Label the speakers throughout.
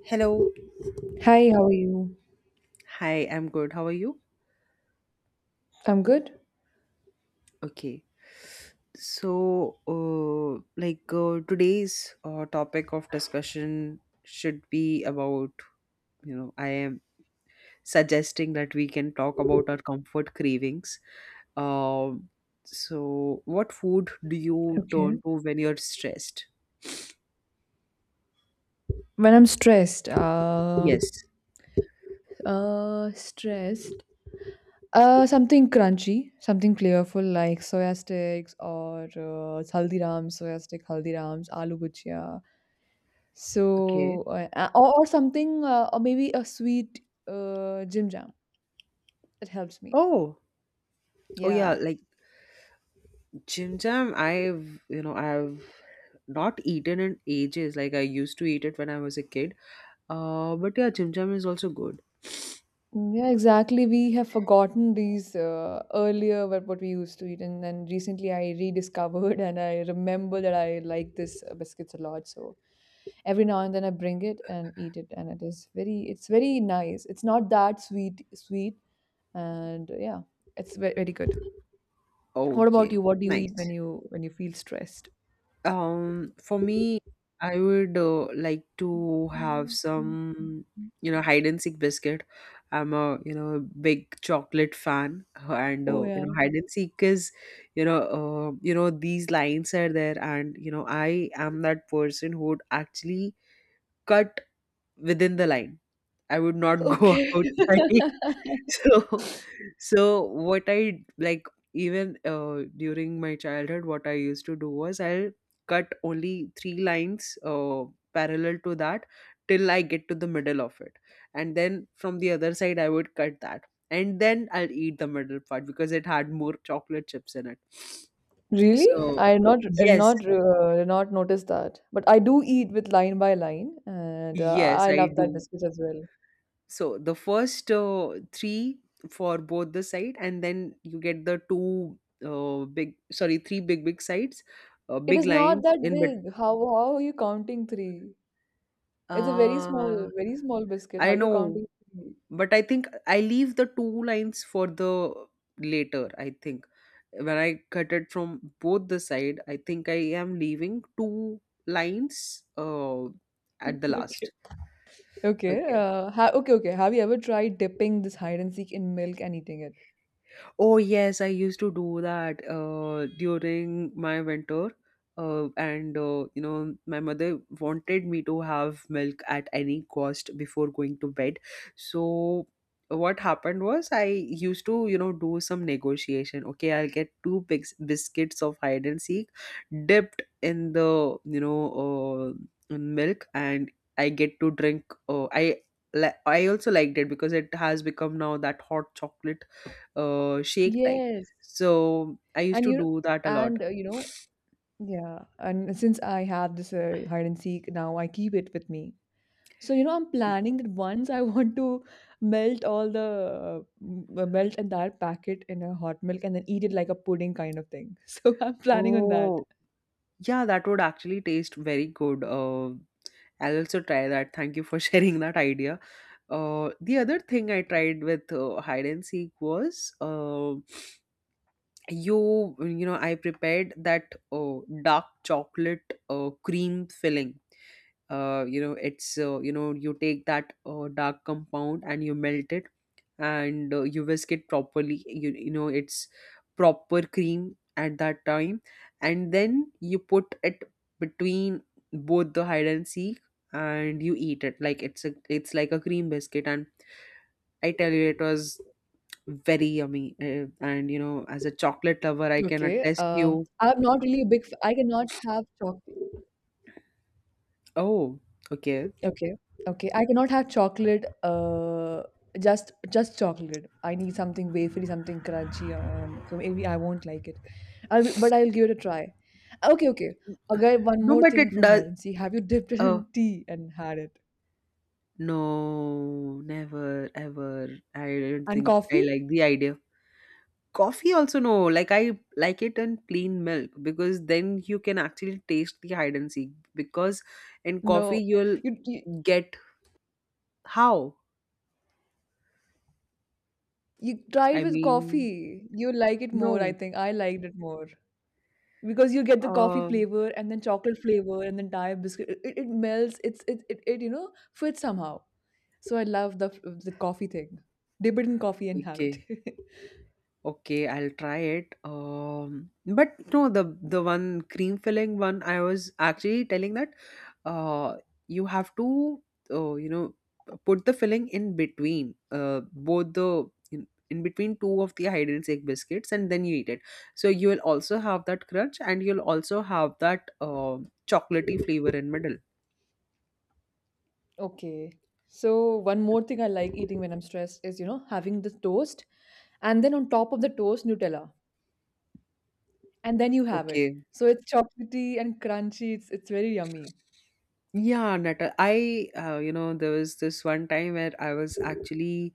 Speaker 1: Hello.
Speaker 2: Hi, how are you?
Speaker 1: Hi, I'm good. How are you?
Speaker 2: I'm good.
Speaker 1: Okay. So, today's topic of discussion should be about, I am suggesting that we can talk about our comfort cravings. Um, so, what food do you
Speaker 2: Okay.
Speaker 1: turn to when you're stressed?
Speaker 2: When I'm stressed,
Speaker 1: Yes.
Speaker 2: uh, stressed, something crunchy, something flavorful like soya sticks or haldirams, soya stick haldirams, aloo bhujia.
Speaker 1: Okay.
Speaker 2: So, or something, or maybe a sweet Jim Jam. It helps me.
Speaker 1: Oh, oh, yeah,
Speaker 2: Yeah.
Speaker 1: like Jim Jam, I've not eaten in ages. Like I used to eat it when I was a kid. But yeah, Chim Cham is also good.
Speaker 2: Yeah, exactly. We have forgotten these earlier what we used to eat, and then recently I rediscovered and I remember that I like this biscuits a lot. So every now and then I bring it and eat it, and it is very it's very nice. It's not that sweet sweet, and yeah, it's very, very good. What about
Speaker 1: Okay,
Speaker 2: you? What do you eat when
Speaker 1: nice.
Speaker 2: you feel stressed?
Speaker 1: For me, I would like to have some, hide and seek biscuit. I'm a, you know, big chocolate fan, uh, and
Speaker 2: Oh
Speaker 1: uh, you
Speaker 2: yeah.
Speaker 1: know, hide and seek is, you know, you know, these lines are there, and you know, I am that person who would actually cut within the line. I would not go
Speaker 2: Okay.
Speaker 1: outside. So, so what I like, even during my childhood, what I used to do was I'll cut only three lines parallel to that till I get to the middle of it, and then from the other side I would cut that, and then I'll eat the middle part because it had more chocolate chips in it.
Speaker 2: Really?
Speaker 1: So
Speaker 2: I
Speaker 1: yes,
Speaker 2: did not notice that. But I do eat with line by line, and
Speaker 1: yes,
Speaker 2: I
Speaker 1: I
Speaker 2: love that
Speaker 1: do.
Speaker 2: biscuit as well.
Speaker 1: So the first three for both the side, and then you get the two three big sides,
Speaker 2: It
Speaker 1: big
Speaker 2: is not
Speaker 1: lines
Speaker 2: that
Speaker 1: in but
Speaker 2: big. How are you counting three? It's a
Speaker 1: uh,
Speaker 2: very small biscuit. How
Speaker 1: I
Speaker 2: are you
Speaker 1: know,
Speaker 2: counting three?
Speaker 1: but I think I leave the two lines for the later. I think when I cut it from both the side, I think I am leaving two lines at the
Speaker 2: Okay.
Speaker 1: last.
Speaker 2: Okay.
Speaker 1: Okay.
Speaker 2: Ha Okay, okay. Have you ever tried dipping this hide and seek in milk and eating it?
Speaker 1: Oh yes, I used to do that during my winter, and you know my mother wanted me to have milk at any cost before going to bed. So what happened was I used to you know do some negotiation. Okay, I'll get two biscuits of hide and seek, dipped in the in milk, and I get to drink. I also liked it because it has become now that hot chocolate shake type.
Speaker 2: Yes.
Speaker 1: So I used
Speaker 2: And
Speaker 1: to
Speaker 2: you
Speaker 1: do that a lot.
Speaker 2: and uh, you know, yeah. And since I have this hide and seek now, I keep it with me. So, I'm planning that once I want to melt all the m- melt an entire packet in a hot milk and then eat it like a pudding kind of thing. So I'm planning on that.
Speaker 1: Oh, yeah, that would actually taste very good. I'll also try that. Thank you for sharing that idea. The other thing I tried with hide and seek was, you know, I prepared that dark chocolate cream filling. You know it's, you know, you take that dark compound and you melt it, and you whisk it properly, you know, it's proper cream at that time, and then you put it between both the hide and seek and you eat it like it's a, it's like a cream biscuit, and I tell you it was very yummy, and you know as a chocolate lover I can
Speaker 2: Okay.
Speaker 1: attest you.
Speaker 2: I'm not really a big. I cannot have chocolate.
Speaker 1: Oh, okay.
Speaker 2: Okay. Okay. I cannot have chocolate. Just chocolate. I need something wafery, something crunchy. So maybe I won't like it. But I'll give it a try. Okay. Okay. Okay. One
Speaker 1: No,
Speaker 2: more
Speaker 1: but it
Speaker 2: thing from
Speaker 1: does,
Speaker 2: hide and seek. Have you dipped it
Speaker 1: uh
Speaker 2: in tea and had it?
Speaker 1: no, never ever, I don't
Speaker 2: And
Speaker 1: think I
Speaker 2: coffee?
Speaker 1: like the idea. Coffee also no, like I like it in plain milk because then you can actually taste the hide and seek because in coffee
Speaker 2: No,
Speaker 1: you'll
Speaker 2: you you
Speaker 1: get how,
Speaker 2: you try it
Speaker 1: I
Speaker 2: with
Speaker 1: mean,
Speaker 2: coffee. You like it more, I
Speaker 1: no.
Speaker 2: think. I liked it more because you get the coffee
Speaker 1: um
Speaker 2: flavor and then chocolate flavor and then dye biscuit. It melts. It's it, it it you know fits somehow. So I love the coffee thing. Dip it in coffee and have it.
Speaker 1: okay, okay, I'll try it. But no, the one cream filling one I was actually telling that uh, you have to you know put the filling in between both the, in between two of the hide and seek biscuits, and then you eat it so you will also have that crunch and you'll also have that chocolatey flavor in middle.
Speaker 2: Okay. So one more thing I like eating when I'm stressed is, having the toast and then on top of the toast, Nutella. And then you have it.
Speaker 1: Okay.
Speaker 2: So it's chocolatey and crunchy. It's very yummy.
Speaker 1: Yeah, Nata. There was this one time where I was actually,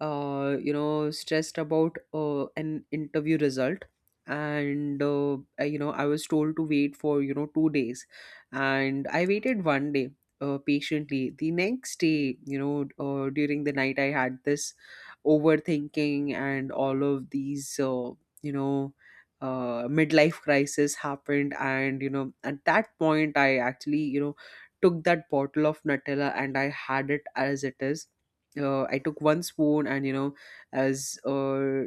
Speaker 1: stressed about an interview result. And, I- you know, I was told to wait for, 2 days. And I waited one day patiently. The next day, during the night, I had this overthinking and all of these, you know, midlife crisis happened. And at that point, I actually took that bottle of Nutella and I had it as it is. I took one spoon and, you know, as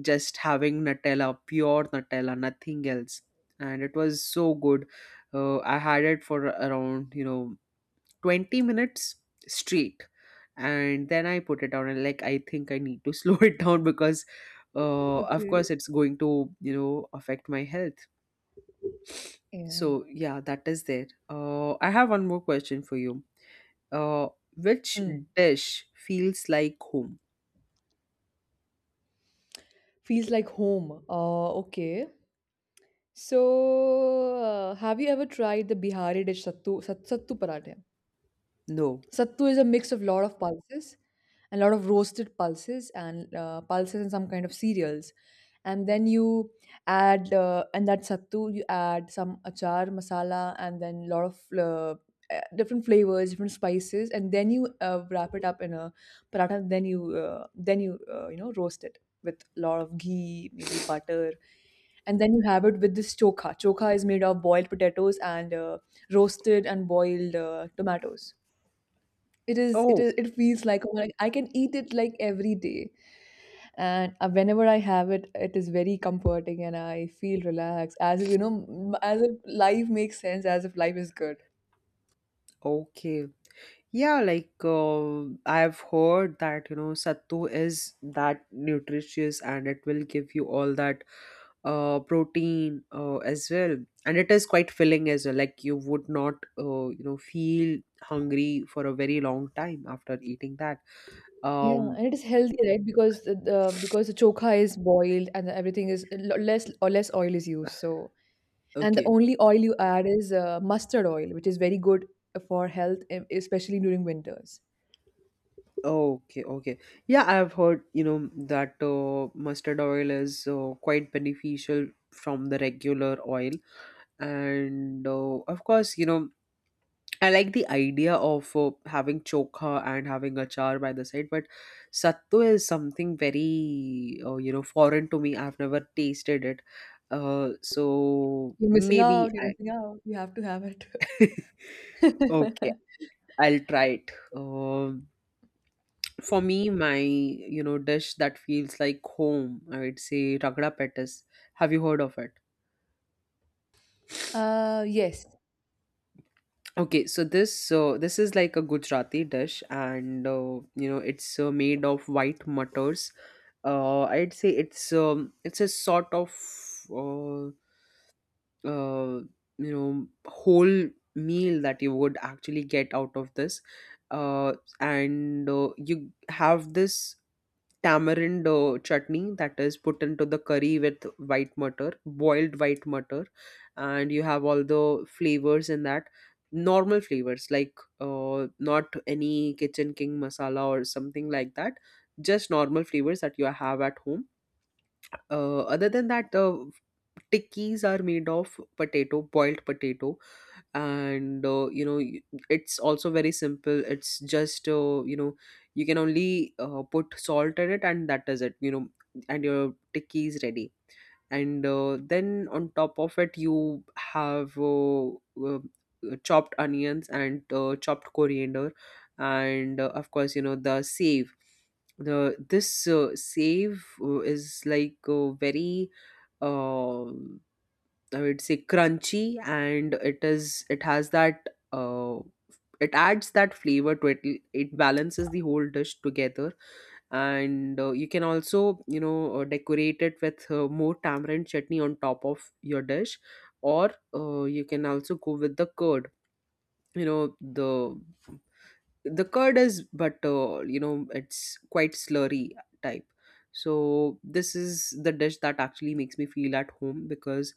Speaker 1: just having Nutella, pure Nutella, nothing else. And it was so good. I had it for around 20 minutes straight, and then I put it down and like I think I need to slow it down because, of
Speaker 2: Okay.
Speaker 1: course, it's going to you know affect my health.
Speaker 2: Yeah.
Speaker 1: So yeah, that is there. I have one more question for you. Uh, which
Speaker 2: Hmm.
Speaker 1: dish feels like home?
Speaker 2: Feels like home. Okay. So, have you ever tried the Bihari dish sattu paratha?
Speaker 1: No.
Speaker 2: Sattu is a mix of lot of pulses, a lot of roasted pulses and pulses and some kind of cereals and then you add and that sattu you add some achar masala and then lot of uh, different flavors different spices and then you wrap it up in a paratha then you you know roast it with a lot of ghee maybe butter and then you have it with this chokha. Chokha is made of boiled potatoes and roasted and boiled tomatoes.
Speaker 1: Oh,
Speaker 2: It feels like I can eat it like every day. And whenever I have it, it is very comforting and I feel relaxed as if, you know, m- as if life makes sense, as if life is good.
Speaker 1: okay. Yeah, like I've heard that you know sattu is that nutritious and it will give you all that protein as well, and it is quite filling as well. Like you would not feel hungry for a very long time after eating that.
Speaker 2: Yeah,
Speaker 1: Um,
Speaker 2: and it is healthy, right? Because the chokha is boiled and everything is less or less oil is used. So, and the
Speaker 1: okay.
Speaker 2: only oil you add is mustard oil, which is very good for health, especially during winters.
Speaker 1: Okay, okay. Yeah, I've heard, you know, that mustard oil is quite beneficial from the regular oil. And of course, you know, I like the idea of having chokha and having achar by the side, but sattu is something very, foreign to me. I've never tasted it. So
Speaker 2: You're missing
Speaker 1: maybe
Speaker 2: out, you're
Speaker 1: I.
Speaker 2: missing out. You have to have it.
Speaker 1: Okay, I'll try it. For me, my dish that feels like home, I would say ragda pettis. Have you heard of it?
Speaker 2: Yes,
Speaker 1: Okay, so this is like a Gujarati dish, and you know it's made of white mutters. I'd say it's a sort of uh, uh, you know whole meal that you would actually get out of this, uh, and you have this tamarind chutney that is put into the curry with white mutton, boiled white mutton, and you have all the flavors in that, normal flavors like not any kitchen king masala or something like that, just normal flavors that you have at home. Other than that, tikkies are made of potato, boiled potato, and it's also very simple. It's just you know you can only put salt in it, and that is it. You know, and your tikki is ready. And then on top of it, you have chopped onions and chopped coriander, and of course you know the save. The this save is like very. Um I would say crunchy, and it has that uh, it adds that flavor to it. It balances the whole dish together, and you can also you know decorate it with more tamarind chutney on top of your dish, or you can also go with the curd. You know the the curd is, but you know it's quite slurry type. So this is the dish that actually makes me feel at home because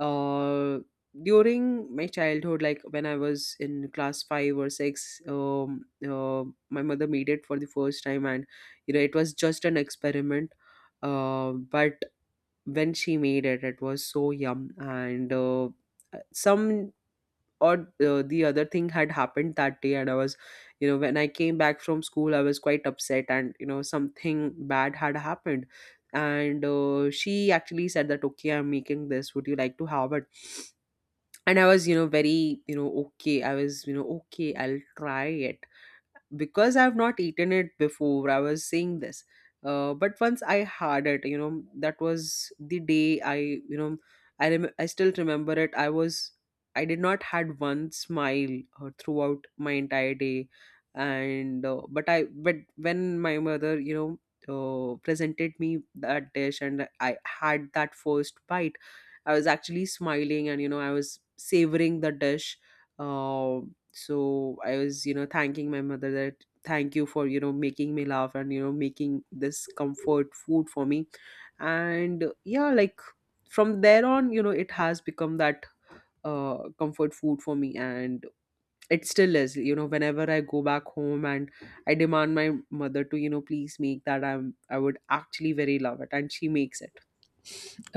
Speaker 1: uh, during my childhood, like when I was in class 5 or 6, my mother made it for the first time, and you know it was just an experiment, but when she made it it was so yum, and some or the other thing had happened that day, and I was you know when I came back from school I was quite upset and you know something bad had happened. And She actually said that, okay, I'm making this, would you like to have it? And I was you know very you know okay, I was you know okay I'll try it, because I've not eaten it before, I was saying this. But once I had it, you know, that was the day I, you know, I still remember it. I was, I did not had one smile throughout my entire day, and but I, but when my mother, you know, presented me that dish and I had that first bite, I was actually smiling and you know I was savoring the dish. Uh, so I was you know thanking my mother that thank you for you know making me laugh and you know making this comfort food for me. And Yeah, like from there on you know it has become that comfort food for me, and it still is you know whenever I go back home and I demand my mother to you know please make that, I'm, I would actually very love it, and she makes it.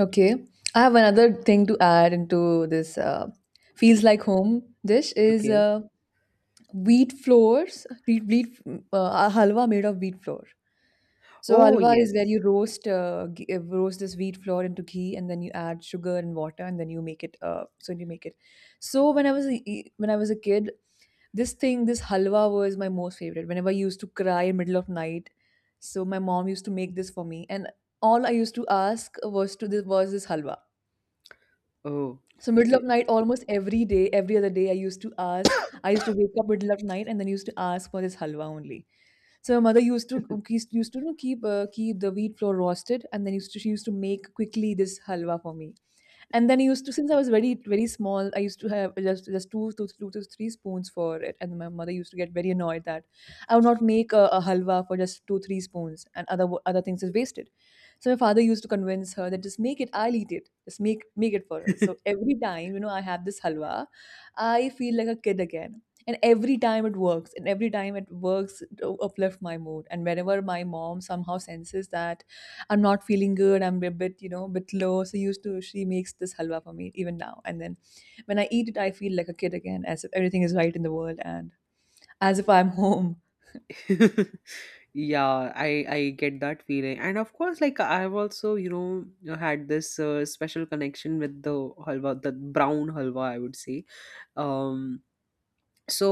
Speaker 2: okay. I have another thing to add into this feels like home dish is
Speaker 1: Okay.
Speaker 2: wheat floors, wheat, wheat a halwa made of wheat flour. So
Speaker 1: Oh
Speaker 2: halwa is
Speaker 1: yes.
Speaker 2: where you roast this wheat flour into ghee, and then you add sugar and water, and then you make it. So you make it. So when I was a kid, this thing, this halwa was my most favorite. Whenever I used to cry in middle of night, so my mom used to make this for me, and all I used to ask was this halwa.
Speaker 1: Oh,
Speaker 2: So middle
Speaker 1: okay.
Speaker 2: of night, almost every day, every other day, I used to ask. I used to wake up middle of night and then used to ask for this halwa only. So my mother used to keep the wheat flour roasted, and then used to she used to make quickly this halwa for me and then I used to since I was very very small, I used to have just two to three spoons for it, and my mother used to get very annoyed that I would not make a halwa for just two three spoons, and other other things is wasted. So my father used to convince her that just make it, I'll eat it, just make it for her. So every time I have this halwa, I feel like a kid again. And every time it works, and every time it works, it uplift my mood. And whenever my mom somehow senses that I'm not feeling good. I'm a bit low. So used to she makes this halwa for me even now. And then when I eat it, I feel like a kid again, as if everything is right in the world and as if I'm home.
Speaker 1: Yeah, I get that feeling, and of course like I've also you know had this special connection with the halwa, the brown halwa I would say. Um so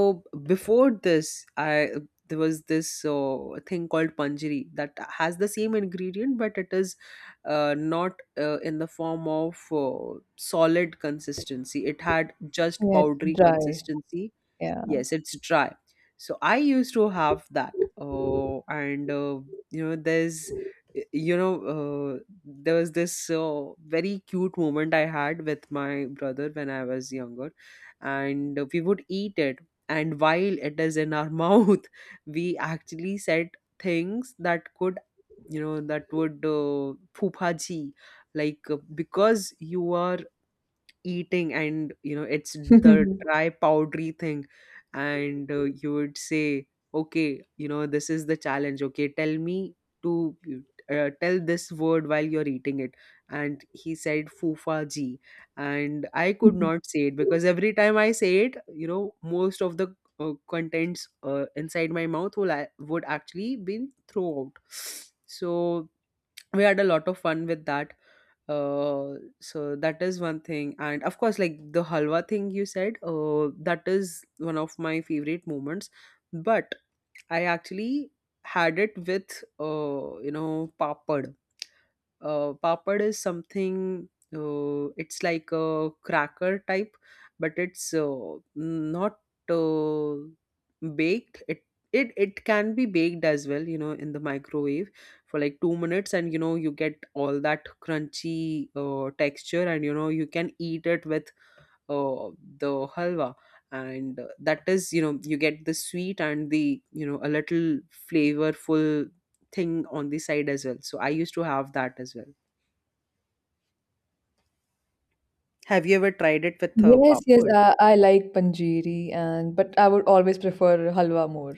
Speaker 1: before this I, there was this thing called panjiri that has the same ingredient, but it is not in the form of solid consistency, it had just
Speaker 2: Yeah, it's
Speaker 1: powdery
Speaker 2: dry.
Speaker 1: consistency.
Speaker 2: Yeah.
Speaker 1: Yes, it's dry. So I used to have that. And, you know, there's, you know, there was this very cute moment I had with my brother when I was younger. And we would eat it. And while it is in our mouth, we actually said things that could, phupaji. Like, because you are eating, and you know it's the dry powdery thing. And you would say, "Okay, you know, this is the challenge. Okay, tell me to tell this word while you're eating it." And he said fufa ji, and I could not say it, because every time I say it, you know, most of the contents inside my mouth will would actually be thrown out. So we had a lot of fun with that. uh so that is one thing. And of course, like the halwa thing you said, that is one of my favorite moments. But I actually had it with you know, papad. Papad is something. It's like a cracker type, but it's not uh, baked. It can be baked as well. You know, in the microwave for like 2 minutes, and you know, you get all that crunchy texture, and you know, you can eat it with uh, the halwa. And that is, you know, you get the sweet and the, you know, a little flavorful thing on the side as well. So I used to have that as well. Have you ever tried it with
Speaker 2: Yes, yes,
Speaker 1: papad?
Speaker 2: I like panjiri and but I would always prefer halwa more.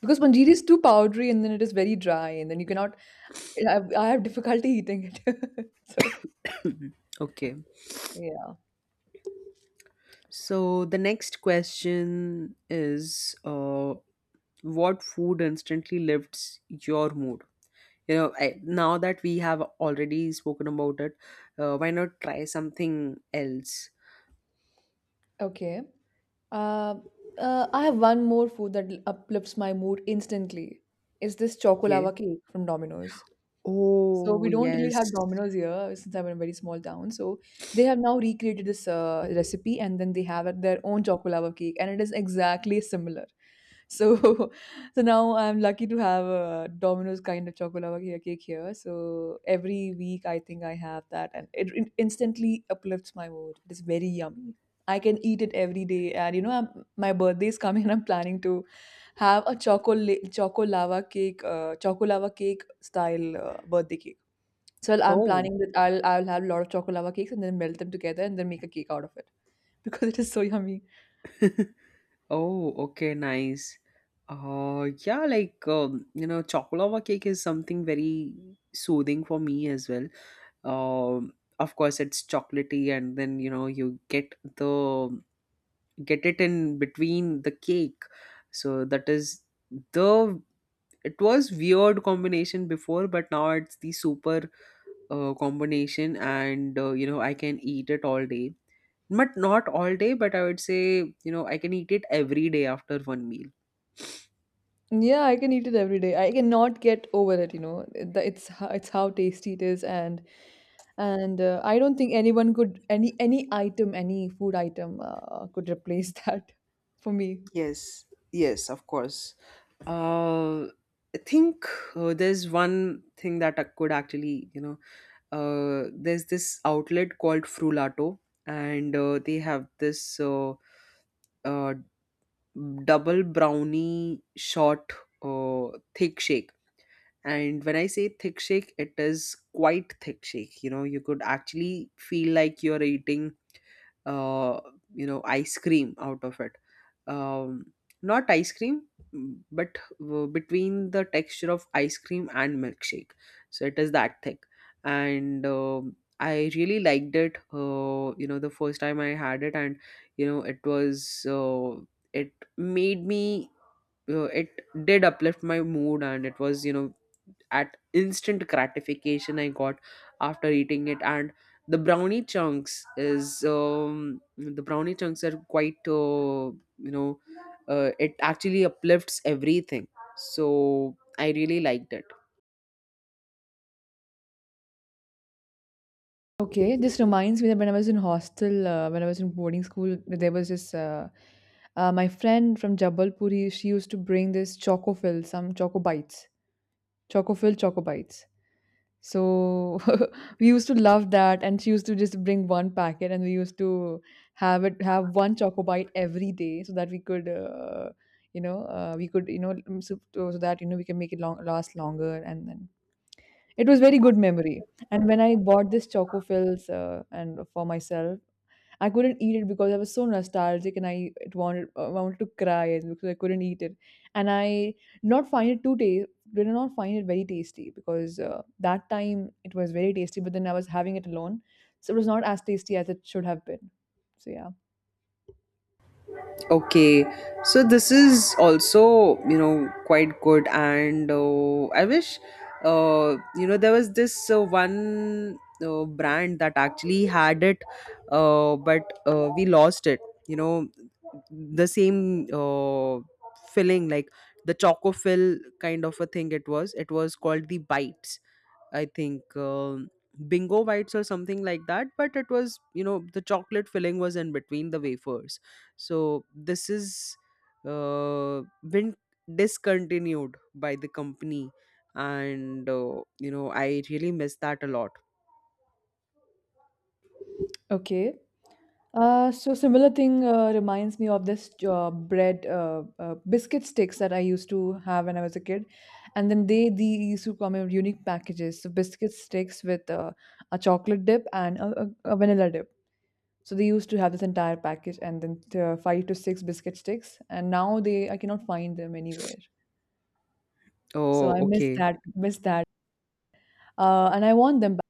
Speaker 2: Because panjeeri is too powdery and then it is very dry and then you cannot I have I have difficulty eating it. So,
Speaker 1: Mhm. Okay.
Speaker 2: yeah.
Speaker 1: So the next question is, uh, what food instantly lifts your mood? You know, now that we have already spoken about it, why not try something else?
Speaker 2: Okay. Uh, I have one more food that uplifts my mood instantly. Is this
Speaker 1: Okay.
Speaker 2: chocolava cake from Domino's? So we
Speaker 1: Oh,
Speaker 2: don't really
Speaker 1: yes.
Speaker 2: have Domino's here since I'm in a very small town. So they have now recreated this recipe and then they have their own chocolava cake and it is exactly similar. So so now I'm lucky to have a Domino's kind of chocolava cake here. So every week I think I have that and it instantly uplifts my mood. It is very yummy. I can eat it every day and my birthday is coming and I'm planning to have a chocolate chocolava cake style birthday cake. So I'm
Speaker 1: Oh.
Speaker 2: planning that I'll have a lot of chocolate lava cakes and then melt them together and then make a cake out of it because it is so yummy.
Speaker 1: Oh, okay, nice. Yeah, like, you know, chocolate cake is something very soothing for me as well. um of course, it's chocolatey, and then you know, you get it in between the cake. So that is the it was weird combination before, but now it's the super combination and you know, I can eat it all day. But not all day, but I would say, you know, I can eat it every day after one meal.
Speaker 2: Yeah, I can eat it every day. I cannot get over it. It's how tasty it is, and I don't think any food item could replace that for me.
Speaker 1: Yes, yes, of course. uh, I think there's one thing that I could actually, you know, there's this outlet called Frulato, and they have this uh, double brownie short uh, thick shake. And when I say thick shake, it is quite thick shake. You know, you could actually feel like you're eating uh, you know, ice cream out of it. um, not ice cream, but between the texture of ice cream and milkshake. So it is that thick. And I really liked it you know, the first time I had it. And you know, it was it made me it did uplift my mood. And it was, you know, at instant gratification I got after eating it. And the brownie chunks are quite you know, it actually uplifts everything. So I really liked it.
Speaker 2: Okay, this reminds me that when I was in hostel, when I was in boarding school, there was this my friend from Jabalpur. She used to bring this Choco-filled Choco Bites. So we used to love that, and she used to just bring one packet, and we used to have one Choco Bite every day, so that we could, you know, mm, so that we can make it long last longer, and then it was very good memory. And when I bought this Choco Fills and for myself, I couldn't eat it because I was so nostalgic and I wanted to cry because I couldn't eat it, and I not find it too taste did not find it very tasty because that time it was very tasty, but then I was having it alone, so it was not as tasty as it should have been. So yeah,
Speaker 1: Okay, so this is also, you know, quite good. And I wish, you know, there was this one brand that actually had it, but we lost it. You know, the same filling, like the choco fill kind of a thing it was. It was called the Bites, I think, bingo bites or something like that. But it was, you know, the chocolate filling was in between the wafers. So this is uh, been discontinued by the company, and you know, I really miss that a lot.
Speaker 2: okay. So similar thing reminds me of this bread biscuit sticks that I used to have when I was a kid, and then they used to come in unique packages. So biscuit sticks with a chocolate dip and a vanilla dip. So they used to have this entire package, and then five to six biscuit sticks. And now they I cannot find them anywhere. So I
Speaker 1: Oh,
Speaker 2: miss
Speaker 1: okay,
Speaker 2: that miss that. And I want them back.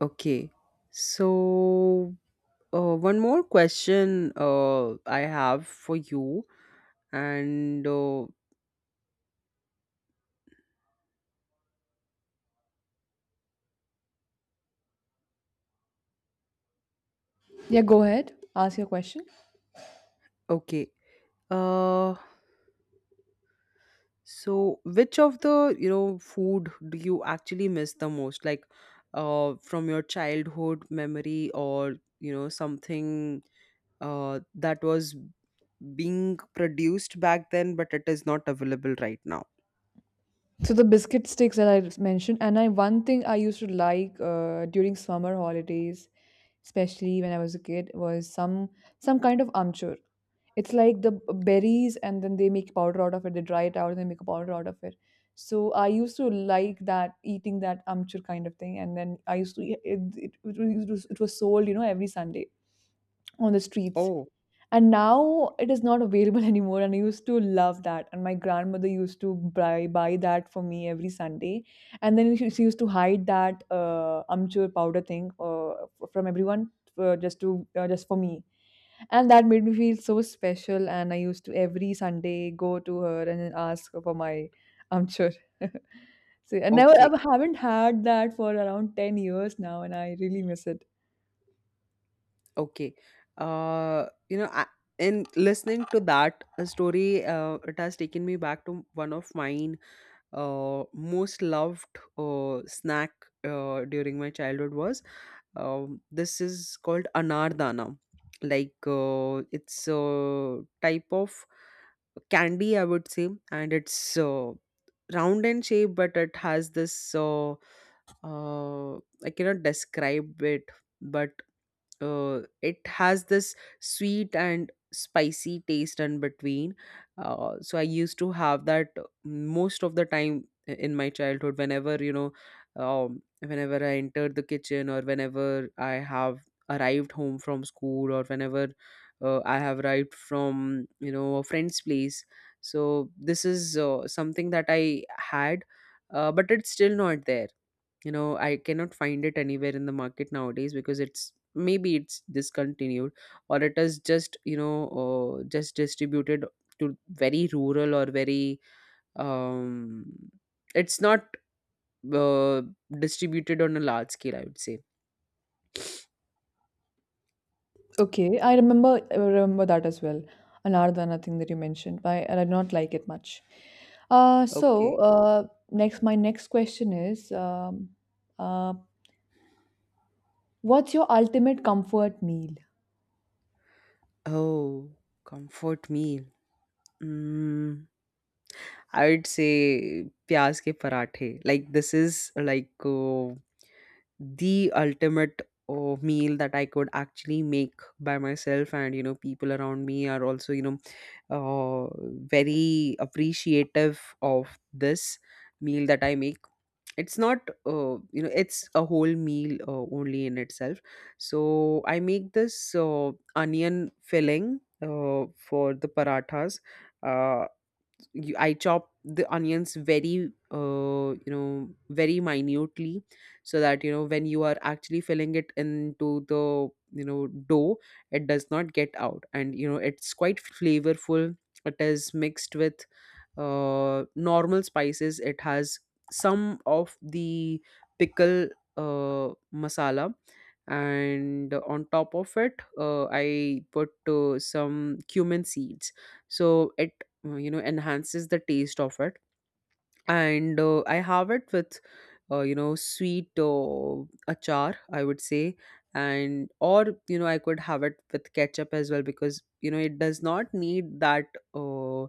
Speaker 1: okay. So one more question I have for you, and
Speaker 2: Yeah, go ahead. Ask your question.
Speaker 1: okay. Uh, So, which of the, food do you actually miss the most? Like, from your childhood memory, or, you know, something that was being produced back then, but it is not available right now.
Speaker 2: So the biscuit sticks that I mentioned, and I one thing I used to like during summer holidays, especially when I was a kid, was some kind of amchur. It's like the berries, and then they make powder out of it. They dry it out and they make a powder out of it. So I used to like that, eating that amchur kind of thing, and then I used to it. It was sold, every Sunday on the streets
Speaker 1: Oh,
Speaker 2: and now it is not available anymore and I used to love that and my grandmother used to buy that for me every Sunday and then she used to hide that amchur powder thing from everyone, just for me, and that made me feel so special and I used to every Sunday go to her and then ask for my amchur. So i never
Speaker 1: okay,
Speaker 2: i haven't had that for around 10 years now and I really miss it.
Speaker 1: okay. You know, in listening to that story, it has taken me back to one of mine most loved snack during my childhood was. This is called anardana. Like, it's a type of candy, I would say, and it's round in shape, but it has this. Uh, I cannot describe it, but it has this sweet and spicy taste in between. So I used to have that most of the time in my childhood, whenever, you know, whenever I entered the kitchen, or whenever I have arrived home from school, or whenever I have arrived from, you know, a friend's place. So this is something that I had, but it's still not there. You know, I cannot find it anywhere in the market nowadays, because it's maybe it's discontinued, or it is just, you know, just distributed to very rural, or very um it's not uh, distributed on a large scale, I would say.
Speaker 2: Okay, I remember that as well. Anardana thing that you mentioned, why I did not like it much. Uh, so
Speaker 1: Okay.
Speaker 2: uh, my next question is, uh, what's your ultimate comfort meal?
Speaker 1: Oh, comfort meal. mm, I would say pyaz ke parathe. Like, this is like, the ultimate meal that I could actually make by myself, and you know, people around me are also, you know, uh, very appreciative of this meal that I make. It's not, you know, it's a whole meal only in itself. So I make this onion filling for the parathas. Uh, I chop the onions very, you know, very minutely, so that, you know, when you are actually filling it into the, you know, dough, it does not get out. And, you know, it's quite flavorful. It is mixed with normal spices. It has some of the pickle masala and on top of it, I put some cumin seeds. So it you know, enhances the taste of it. And I have it with you know, sweet achar I would say. And, or, you know, I could have it with ketchup as well, because you know, it does not need that uh,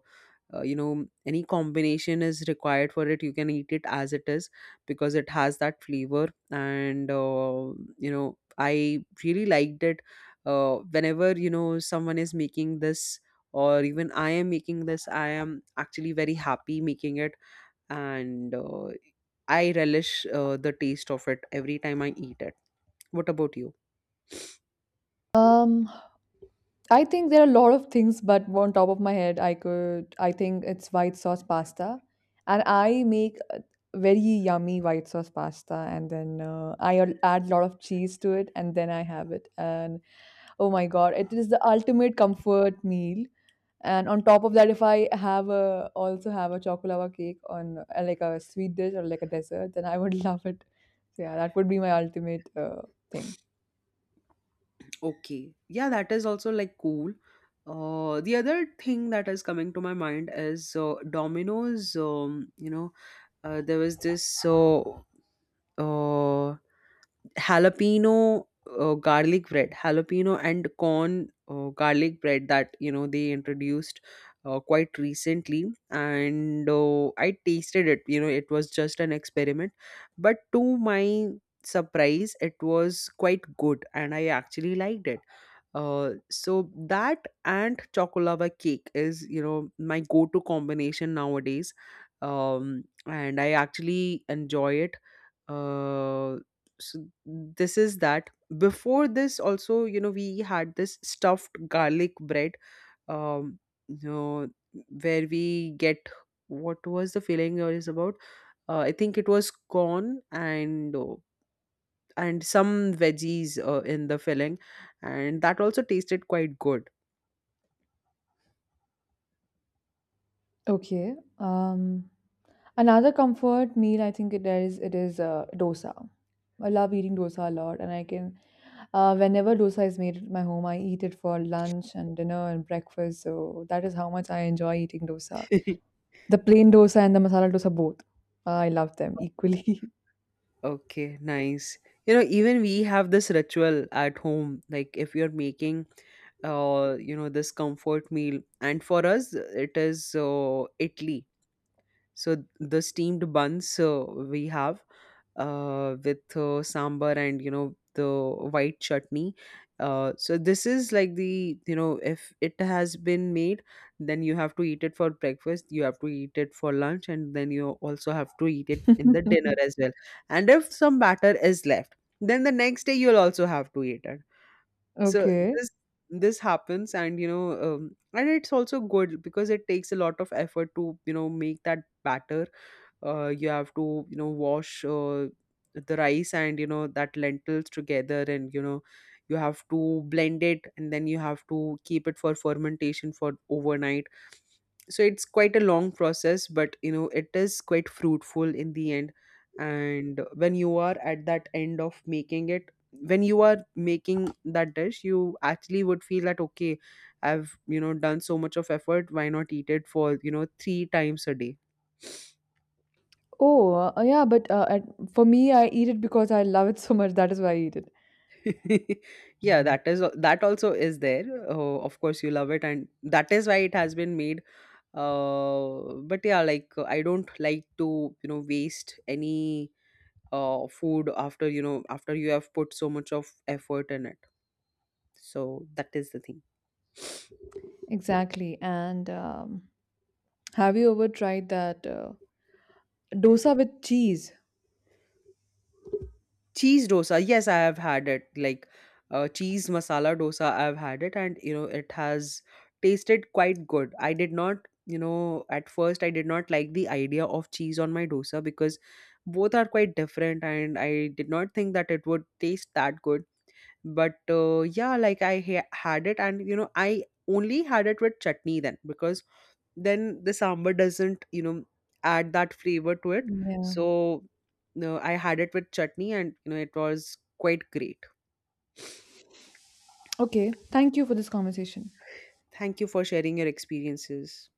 Speaker 1: you know, any combination is required for it. You can eat it as it is, because it has that flavor. And you know, I really liked it whenever you know, someone is making this, or even I am making this, I am actually very happy making it. And I relish the taste of it every time I eat it. What about you?
Speaker 2: Um I think there are a lot of things, but on top of my head, I could. I think it's white sauce pasta, and I make a very yummy white sauce pasta, and then I add a lot of cheese to it, and then I have it, and oh my god, it is the ultimate comfort meal. And on top of that, if I have a chocolava cake on like a sweet dish or like a dessert, then I would love it. So yeah, that would be my ultimate thing.
Speaker 1: Okay. Yeah, that is also like cool. The other thing that is coming to my mind is Domino's. You know, there was this uh, jalapeno garlic bread, jalapeno and corn garlic bread that, you know, they introduced quite recently, and I tasted it. You know, it was just an experiment, but to my surprise, it was quite good, and I actually liked it. So that and chocolava cake is, you know, my go-to combination nowadays. And I actually enjoy it. Uh, so this is that. Before this, also, you know, we had this stuffed garlic bread, um, you know, where we get, what was the filling it is about? I think it was corn and some veggies in the filling, and that also tasted quite good.
Speaker 2: Okay. Another comfort meal, I think it is dosa. I love eating dosa a lot, and I can whenever dosa is made at my home, I eat it for lunch and dinner and breakfast. So that is how much I enjoy eating dosa. The plain dosa and the masala dosa both. Ah, I love them equally.
Speaker 1: Okay, nice. You know, even we have this ritual at home. Like, if you're making, you know, this comfort meal, and for us, it is Italy. So the steamed buns we have, with sambar and you know, the white chutney. So this is like, the, you know, if it has been made, then you have to eat it for breakfast, you have to eat it for lunch, and then you also have to eat it in the dinner as well. And if some batter is left, then the next day you'll also have to eat it. So
Speaker 2: Okay.
Speaker 1: this happens, and you know, and it's also good, because it takes a lot of effort to, you know, make that batter. You have to, you know, wash the rice and, you know, that lentils together, and you know, you have to blend it, and then you have to keep it for fermentation for overnight. So it's quite a long process, but you know, it is quite fruitful in the end. And when you are at that end of making it, when you are making that dish, you actually would feel that, okay, I've, you know, done so much of effort, why not eat it for, you know, three times a day.
Speaker 2: Oh, yeah, but for me, I eat it because I love it so much. That is why I eat it.
Speaker 1: Yeah, that is, that also is there. Oh, of course you love it, and that is why it has been made. But yeah, like, I don't like to, you know, waste any food after, you know, after you have put so much of effort in it. So that is the thing.
Speaker 2: Exactly. And have you ever tried that dosa with cheese?
Speaker 1: Cheese dosa, yes, I have had it. Like, cheese masala dosa, I've had it, and you know, it has tasted quite good. I did not, you know, at first, I did not like the idea of cheese on my dosa, because both are quite different, and I did not think that it would taste that good. But yeah, like, I had it, and you know, I only had it with chutney then, because then the sambar doesn't, you know, add that flavor to it.
Speaker 2: Yeah.
Speaker 1: So no, I had it with chutney, and you know, it was quite great.
Speaker 2: Okay. Thank you for this conversation.
Speaker 1: Thank you for sharing your experiences.